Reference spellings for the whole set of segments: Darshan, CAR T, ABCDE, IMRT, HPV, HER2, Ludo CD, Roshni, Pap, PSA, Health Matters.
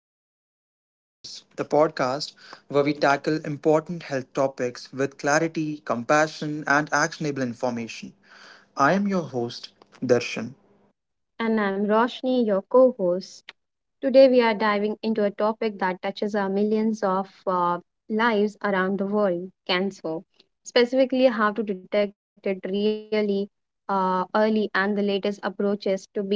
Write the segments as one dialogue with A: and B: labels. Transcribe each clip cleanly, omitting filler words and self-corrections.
A: and welcome to Health Matters, the podcast where we tackle important health topics with clarity, compassion, and actionable information. I am your host, Darshan.
B: And I'm Roshni, your co host. Today, we are diving into a topic that touches our millions of lives around the world cancer. Specifically, how to detect it really early and the latest approaches to beating it.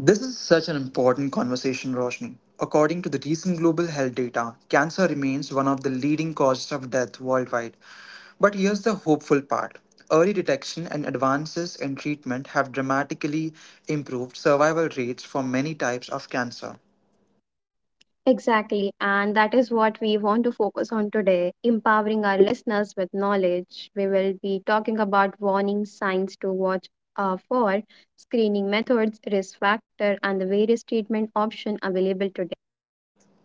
A: This is such an important conversation, Roshni. According to the recent global health data, cancer remains one of the leading causes of death worldwide. But here's the hopeful part: early detection and advances in treatment have dramatically improved survival rates for many types of cancer.
B: Exactly, and that is what we want to focus on today empowering our listeners with knowledge. We will be talking about warning signs to watch for, screening methods, risk factor, and the various treatment options available today.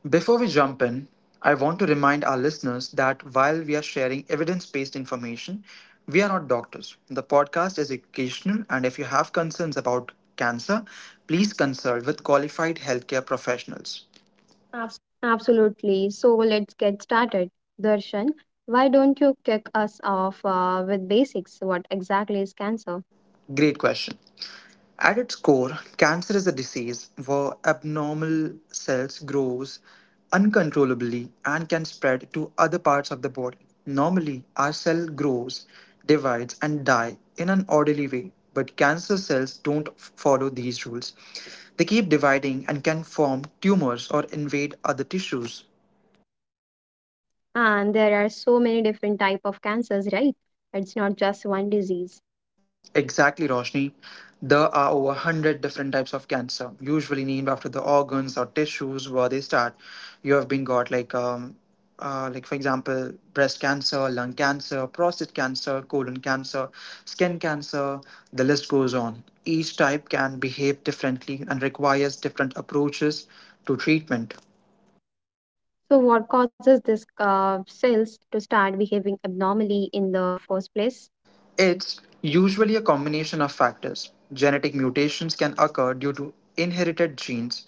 A: Before we jump in, I want to remind our listeners that while we are sharing evidence based information, we are not doctors. The podcast is educational, and if you have concerns about cancer, please consult with qualified healthcare professionals.
B: Absolutely. So let's get started. Darshan, why don't you kick us off with basics? What exactly is cancer?
A: Great question. At its core, cancer is a disease where abnormal cells grows uncontrollably and can spread to other parts of the body. Normally, our cell grows, divides and die in an orderly way, but cancer cells don't follow these rules. They keep dividing and can form tumors or invade other tissues.
B: And there are so many different type of cancers, right? It's not just one disease.
A: Exactly, Roshni. There are over 100 different types of cancer, usually named after the organs or tissues where they start. You have been got like for example, breast cancer, lung cancer, prostate cancer, colon cancer, skin cancer, the list goes on. Each type can behave differently and requires different approaches to treatment.
B: So what causes this cells to start behaving abnormally in the first place?
A: It's usually a combination of factors. Genetic mutations can occur due to inherited genes,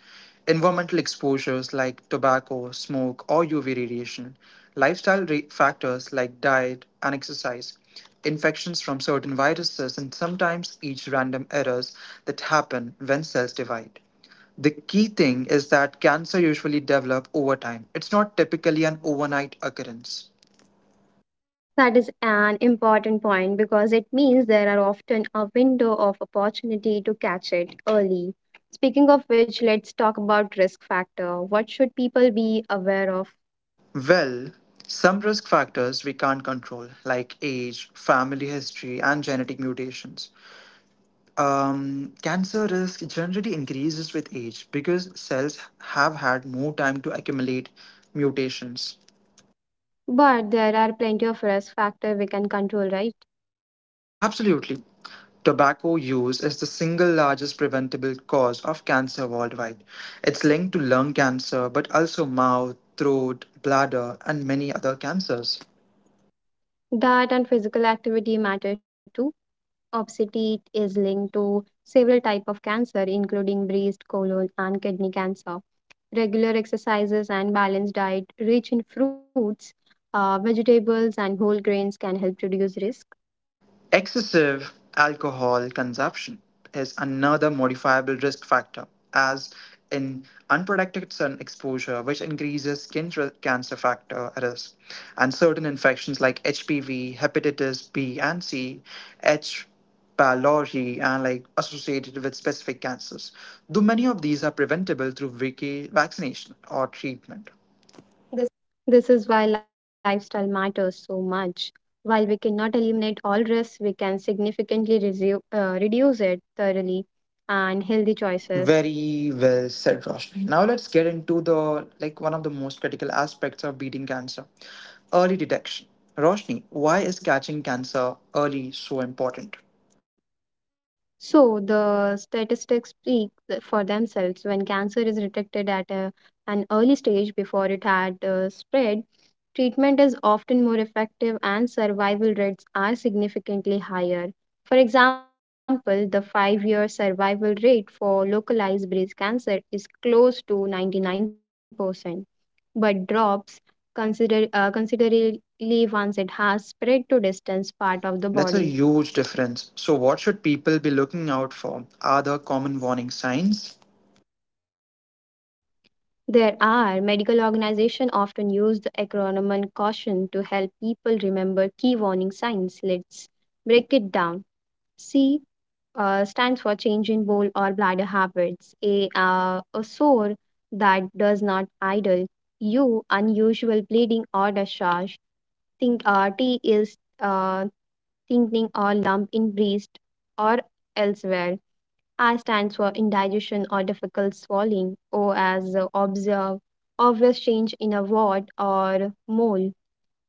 A: environmental exposures like tobacco, smoke, or UV radiation, lifestyle factors like diet and exercise, infections from certain viruses, and sometimes each random errors that happen when cells divide. The key thing is that cancer usually develop over time. It's not typically an overnight occurrence.
B: That is an important point because it means there are often a window of opportunity to catch it early. Speaking of which, let's talk about risk factor. What should people be aware of?
A: Well, some risk factors we can't control, like age, family history, and genetic mutations. Cancer risk generally increases with age because cells have had more time to accumulate mutations.
B: But there are plenty of risk factor we can control, right?
A: Absolutely. Tobacco use is the single largest preventable cause of cancer worldwide. It's linked to lung cancer, but also mouth, throat, bladder, and many other cancers.
B: Diet and physical activity matter too. Obesity is linked to several type of cancer, including breast, colon, and kidney cancer. Regular exercises and balanced diet rich in fruits, vegetables, and whole grains can help reduce risk.
A: Excessive alcohol consumption is another modifiable risk factor, as in unprotected sun exposure, which increases skin cancer factor risk, and certain infections like HPV, hepatitis B and C, H. pylori, and like associated with specific cancers. Though many of these are preventable through vaccination or treatment.
B: This is why lifestyle matters so much. While we cannot eliminate all risks, we can significantly reduce it thoroughly and healthy choices.
A: Very well said, Roshni. Now let's get into the like one of the most critical aspects of beating cancer, early detection. Roshni, why is catching cancer early so important?
B: So the statistics for themselves. When cancer is detected at an early stage before it had spread, treatment is often more effective and survival rates are significantly higher. For example, the 5 year survival rate for localized breast cancer is close to 99%, but drops considerably once it has spread to distant part of the
A: That's a
B: body.
A: huge difference. So, what should people be looking out for? Are there common warning signs?
B: There are medical organizations often use the acronym and caution to help people remember key warning signs. Let's break it down. C stands for change in bowel or bladder habits. A sore that does not idle. U unusual bleeding or discharge. Think T is thinking or lump in breast or elsewhere. I stands for indigestion or difficult swallowing, O as obvious change in a wart or mole,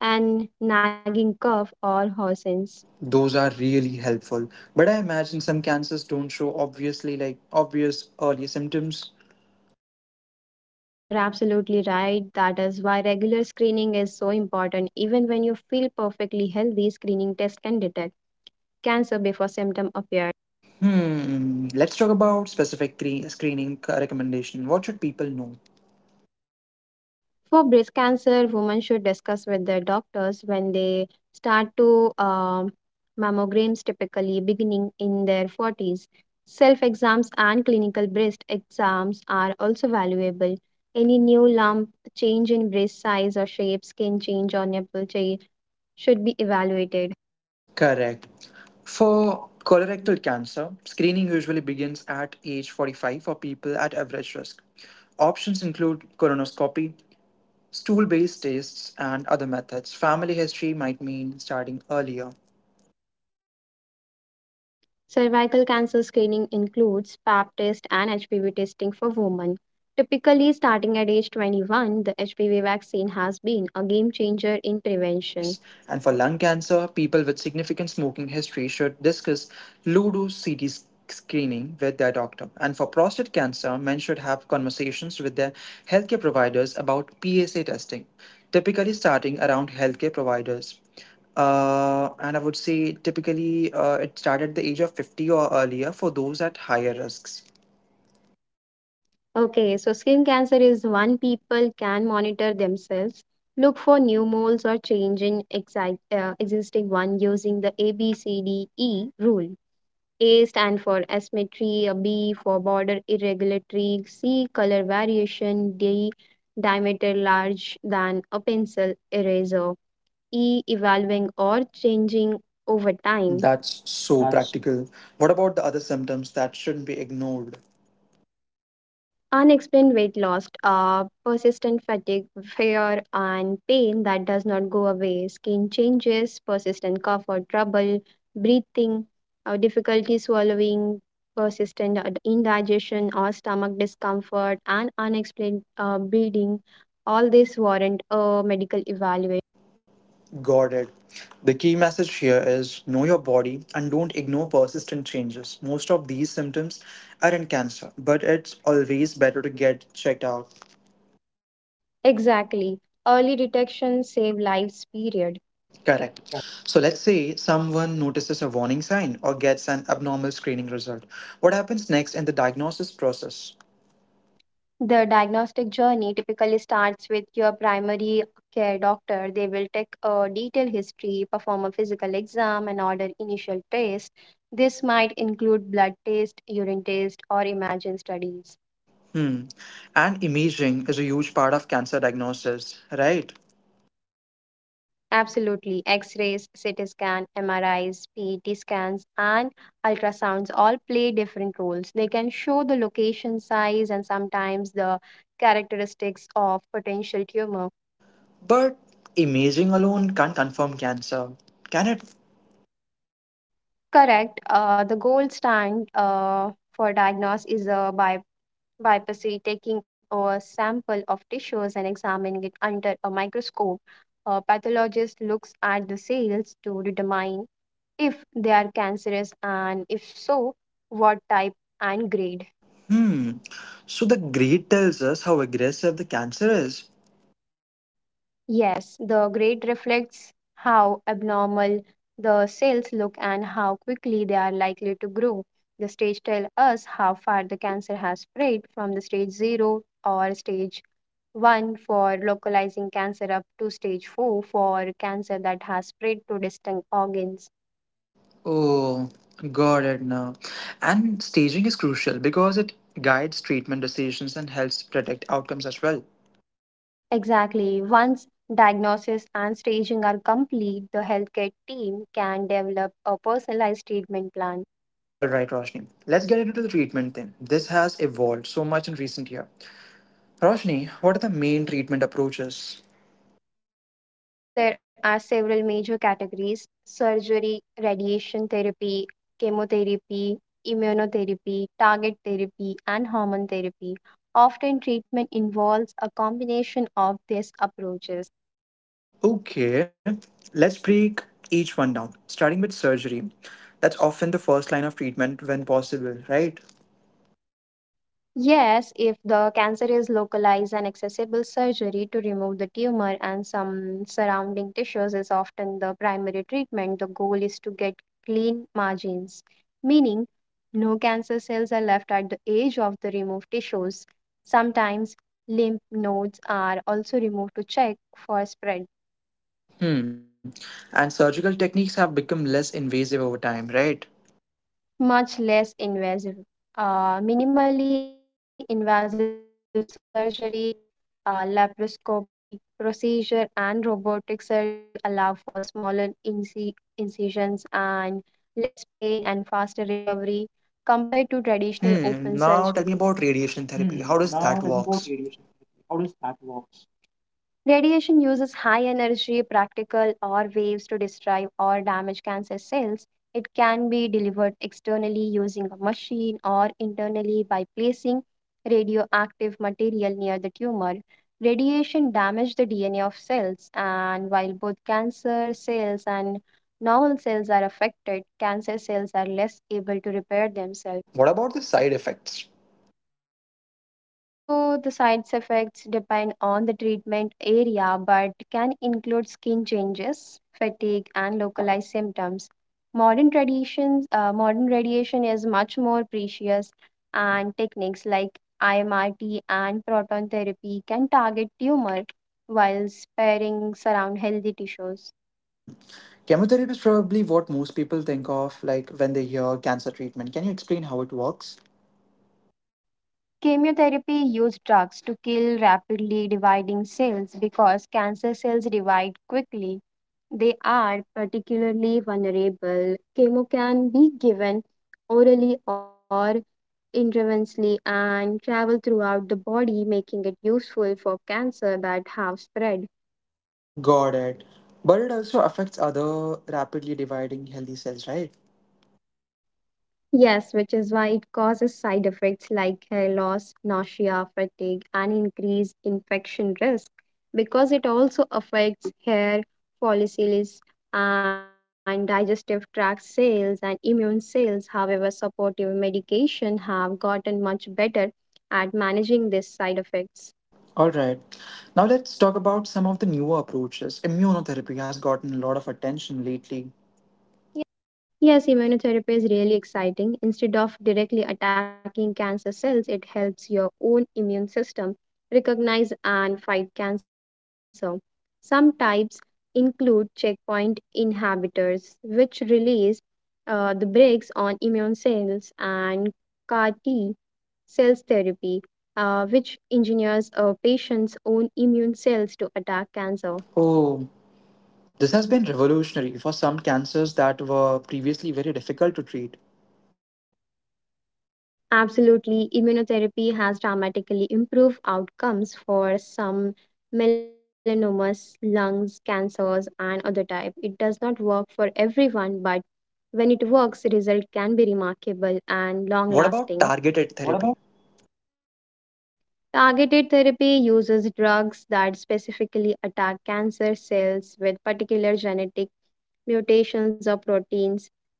B: and nagging cough or hoarseness.
A: Those are really helpful. But I imagine some cancers don't show obviously like obvious early symptoms.
B: You are absolutely right. That is why regular screening is so important. Even when you feel perfectly healthy, screening test can detect cancer before symptom appear.
A: Hmm. Let's talk about specific cre- screening recommendation. What should people know?
B: For breast cancer, women should discuss with their doctors when they start to um mammograms, typically beginning in their 40s. Self exams and clinical breast exams are also valuable. Any new lump, change in breast size or shape, skin change, or nipple change should be evaluated.
A: Correct. For colorectal cancer, screening usually begins at age 45 for people at average risk. Options include colonoscopy, stool based tests, and other methods. Family history might mean starting earlier.
B: Cervical cancer screening includes Pap test and HPV testing for women. Typically, starting at age 21, the HPV vaccine has been a game changer in prevention.
A: Yes, and for lung cancer, people with significant smoking history should discuss Ludo CD screening with their doctor. And for prostate cancer, men should have conversations with their healthcare providers about PSA testing, typically starting around healthcare providers. And I would say typically it started at the age of 50 or earlier for those at higher risks.
B: Okay, so skin cancer is one people can monitor themselves. Look for new moles or change in existing one using the ABCDE rule. A stand for asymmetry, a B for border irregularity, C color variation, D diameter large than a pencil eraser, E evolving or changing over time.
A: That's so practical. What about the other symptoms that shouldn't be ignored?
B: Unexplained weight loss, persistent fatigue, fear, and pain that does not go away, skin changes, persistent cough or trouble, breathing, difficulty swallowing, persistent indigestion or stomach discomfort, and unexplained bleeding. All this warrant a medical evaluation.
A: Got it. The key message here is know your body and don't ignore persistent changes. Most of these symptoms are in cancer, but it's always better to get checked out.
B: Exactly. Early detection save lives, period.
A: Correct. So let's say someone notices a warning sign or gets an abnormal screening result. What happens next in the diagnosis process?
B: The diagnostic journey typically starts with your primary care doctor. They will take a detailed history, perform a physical exam, and order initial tests. This might include blood test, urine test, or imaging studies.
A: Hmm. And imaging is a huge part of cancer diagnosis, right?
B: Absolutely, x rays, CT scan, MRIs, PET scans, and ultrasounds all play different roles. They can show the location, size, and sometimes the characteristics of potential tumor.
A: But imaging alone can't confirm cancer, can it?
B: Correct. The gold stand for diagnosis is a biopsy, taking a sample of tissues and examining it under a microscope. A pathologist looks at the cells to determine if they are cancerous and if so, what type and grade.
A: Hmm. So the grade tells us how aggressive the cancer is.
B: Yes, the grade reflects how abnormal the cells look and how quickly they are likely to grow. The stage tells us how far the cancer has spread from the stage 0 or stage 1 for localizing cancer up to stage 4 for cancer that has spread to distinct organs.
A: Oh, got it now. And staging is crucial because it guides treatment decisions and helps predict outcomes as well.
B: Exactly. Once diagnosis and staging are complete, the healthcare team can develop a personalized treatment plan.
A: All right, Roshni. Let's get into the treatment then. This has evolved so much in recent year. Roshni, what are the main treatment approaches?
B: So, there are several major categories surgery, radiation therapy, chemotherapy, immunotherapy, target therapy, and hormone therapy. Often, treatment involves a combination of these approaches.
A: Okay, let's break each one down. Starting with surgery. That's often the first line of treatment when possible, right?
B: Yes, if the cancer is localized and accessible, surgery to remove the tumor and some surrounding tissues is often the primary treatment. The goal is to get clean margins, meaning no cancer cells are left at the edge of the removed tissues. Sometimes lymph nodes are also removed to check for spread.
A: Hmm. And surgical techniques have become less invasive over time, right?
B: Much less invasive. Minimally invasive surgery, laparoscopy procedure, and robotic surgery allow for smaller incisions and less pain and faster recovery compared to traditional open
A: Hmm. Now
B: surgery.
A: tell me about radiation therapy. How does that works?
B: Radiation uses high energy practical or waves to destroy or damage cancer cells. It can be delivered externally using a machine or internally by placing radioactive material near the tumor. Radiation damages the DNA of cells, and while both cancer cells and normal cells are affected, cancer cells are less able to repair themselves.
A: What about the side effects?
B: So the side effects depend on the treatment area but can include skin changes, fatigue and localized symptoms. Modern radiation is much more precious and techniques like IMRT and proton therapy can target tumor while sparing surround healthy tissues.
A: Hmm. Chemotherapy is probably what most people think of, like when they hear cancer treatment. Can you explain how it works?
B: Chemotherapy used drugs to kill rapidly dividing cells because cancer cells divide quickly. They are particularly vulnerable. Chemo can be given orally or intravenously and travel throughout the body, making it useful for cancer that have spread.
A: Got it. But it also affects other rapidly dividing healthy cells, right?
B: Yes, which is why it causes side effects like hair loss, nausea, fatigue, and increased infection risk because it also affects hair follicles and digestive tract cells and immune cells. However, supportive medication have gotten much better at managing these side effects.
A: All right. Now let's talk about some of the newer approaches. Immunotherapy has gotten a lot of attention lately.
B: Yes, immunotherapy is really exciting. Instead of directly attacking cancer cells, it helps your own immune system recognize and fight cancer. Some types include checkpoint inhibitors, which release the brakes on immune cells, and CAR T cells therapy, which engineers a patient's own immune cells to attack cancer.
A: Oh, this has been revolutionary for some cancers that were previously very difficult to treat.
B: Absolutely, immunotherapy has dramatically improved outcomes for some melanomas, lungs, cancers, and other type. It does not work for everyone, but when it works, the result can be remarkable and long
A: What
B: lasting.
A: about
B: What
A: targeted
B: about
A: therapy?
B: Targeted therapy uses drugs that specifically attack cancer cells with particular genetic mutations or proteins,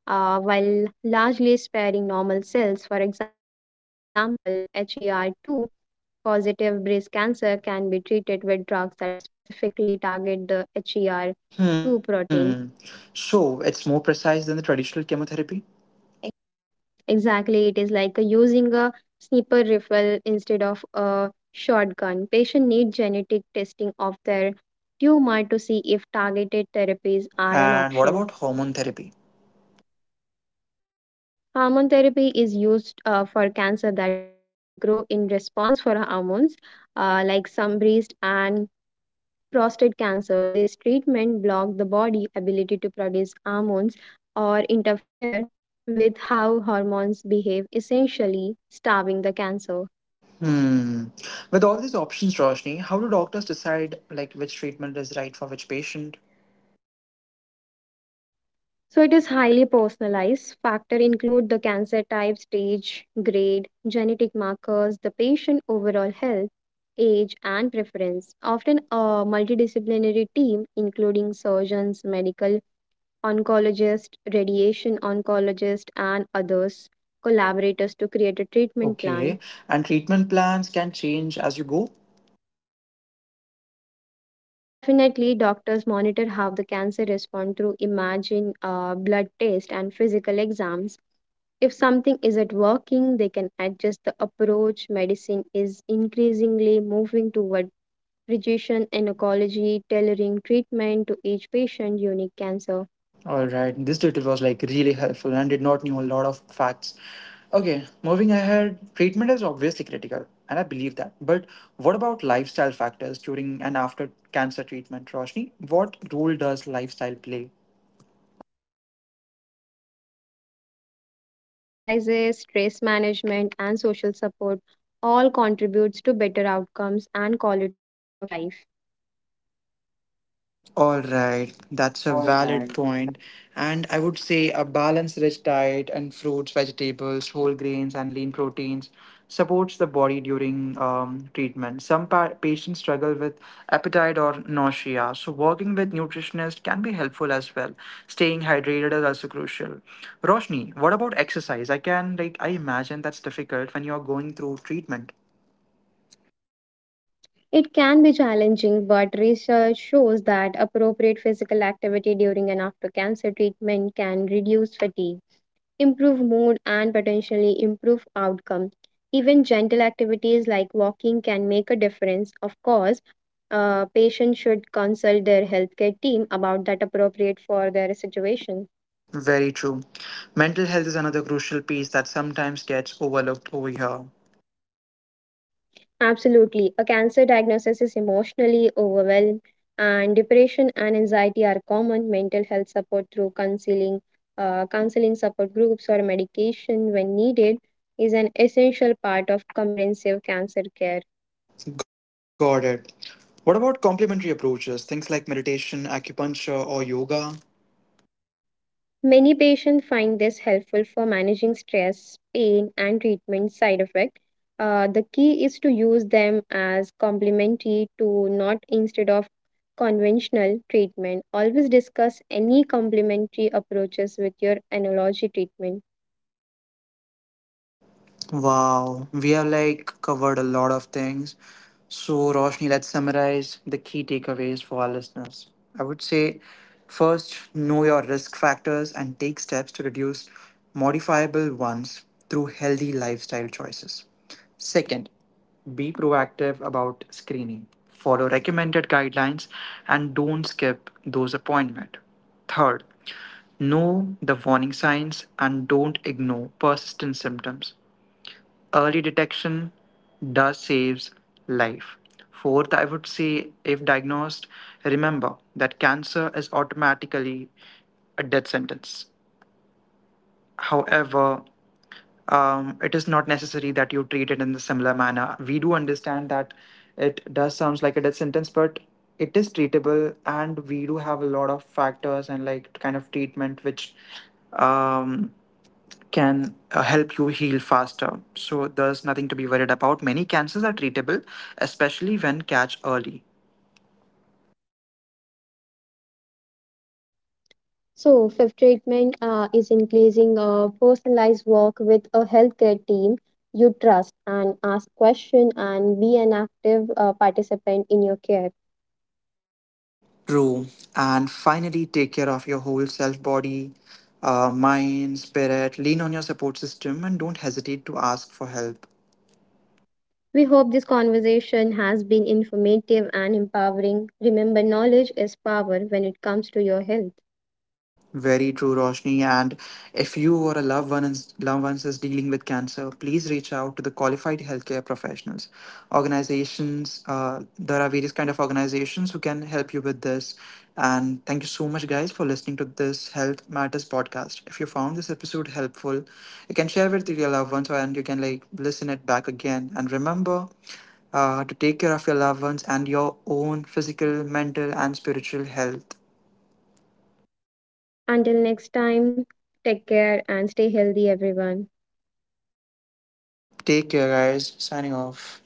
B: while largely sparing normal cells. For example, HER2 positive breast cancer can be treated with drugs that specifically target the HER2
A: Hmm.
B: protein.
A: So it's more precise than the traditional chemotherapy?
B: Exactly, it is like using a sniper rifle instead of a shotgun. Patients need genetic testing of their tumor to see if targeted therapies are an
A: And what
B: option.
A: about hormone therapy?
B: Hormone therapy is used for cancer that grow in response for hormones, like some breast and prostate cancer. This treatment block the body ability to produce hormones or interfere with how hormones behave, essentially starving the cancer.
A: Hmm. With all these options, Roshni, how do doctors decide like which treatment is right for which patient?
B: So it is highly personalized. Factor include the cancer type, stage, grade, genetic markers, the patient overall health, age, and preference. Often a multidisciplinary team including surgeons, medical oncologist, radiation oncologist, and others collaborators to create a treatment plan.
A: Okay. And treatment plans can change as you go?
B: Definitely, doctors monitor how the cancer respond through imaging, blood test, and physical exams. If something isn't working, they can adjust the approach. Medicine is increasingly moving toward precision oncology, tailoring treatment to each patient's unique cancer.
A: All right, this tutorial was like really helpful and did not knew a lot of facts. Okay, moving ahead, treatment is obviously critical, and I believe that. But what about lifestyle factors during and after cancer treatment, Roshni? What role does lifestyle play?
B: A huge role. Nutrition, exercises, stress management, and social support all contributes to better outcomes and quality of life.
A: All right, that's a
B: All right.
A: valid point. And I would say a balanced rich diet and fruits, vegetables, whole grains, and lean proteins supports the body during treatment. Some patients struggle with appetite or nausea, so working with nutritionist can be helpful as well. Staying hydrated is also crucial. Roshni, what about exercise? I can like I imagine that's difficult when you're going through treatment.
B: It can be challenging, but research shows that appropriate physical activity during and after cancer treatment can reduce fatigue improve mood and potentially improve outcome. Even gentle activities like walking can make a difference. Of course, patients should consult their healthcare team about that appropriate for their situation.
A: Very true. Mental health is another crucial piece that sometimes gets overlooked over here.
B: Absolutely. A cancer diagnosis is emotionally overwhelmed, and depression and anxiety are common. Mental health support through counseling, counseling support groups, or medication when needed is an essential part of comprehensive cancer care.
A: Got it. What about complementary approaches, things like meditation, acupuncture, or yoga?
B: Many patients find this helpful for managing stress, pain, and treatment side effect. The key is to use them as complementary to not instead of conventional treatment. Always discuss any complementary approaches with your analogy treatment.
A: Wow, we have like covered a lot of things. So, Roshni, let's summarize the key takeaways for our listeners. I would say first, know your risk factors and take steps to reduce modifiable ones through healthy lifestyle choices. Second, be proactive about screening. Follow recommended guidelines and don't skip those appointments. Third, know the warning signs and don't ignore persistent symptoms. Early detection does saves life. Fourth, I would say if diagnosed, remember that cancer is automatically a death sentence. However, it is not necessary that you treat it in the similar manner. We do understand that it does sounds like a death sentence, but it is treatable and we do have a lot of factors and like kind of treatment which um, can help you heal faster. So there's nothing to be worried about. Many cancers are treatable, especially when catch early.
B: So, fifth treatment is increasing a personalized work with a healthcare team you trust and ask question and be an active participant in your care.
A: True. And finally, take care of your whole self body, mind, spirit. Lean on your support system and don't hesitate to ask for help.
B: We hope this conversation has been informative and empowering. Remember, knowledge is power when it comes to your health.
A: Very true, Roshni. And if you or a loved one is, loved ones is dealing with cancer, please reach out to the qualified healthcare professionals, organizations. There are various kind of organizations who can help you with this. And thank you so much, guys, for listening to this Health Matters podcast. If you found this episode helpful, you can share it with your loved ones, and you can like listen it back again. And remember, to take care of your loved ones and your own physical, mental, and spiritual health.
B: Until next time, take care and stay healthy, everyone.
A: Take care, guys. Signing off.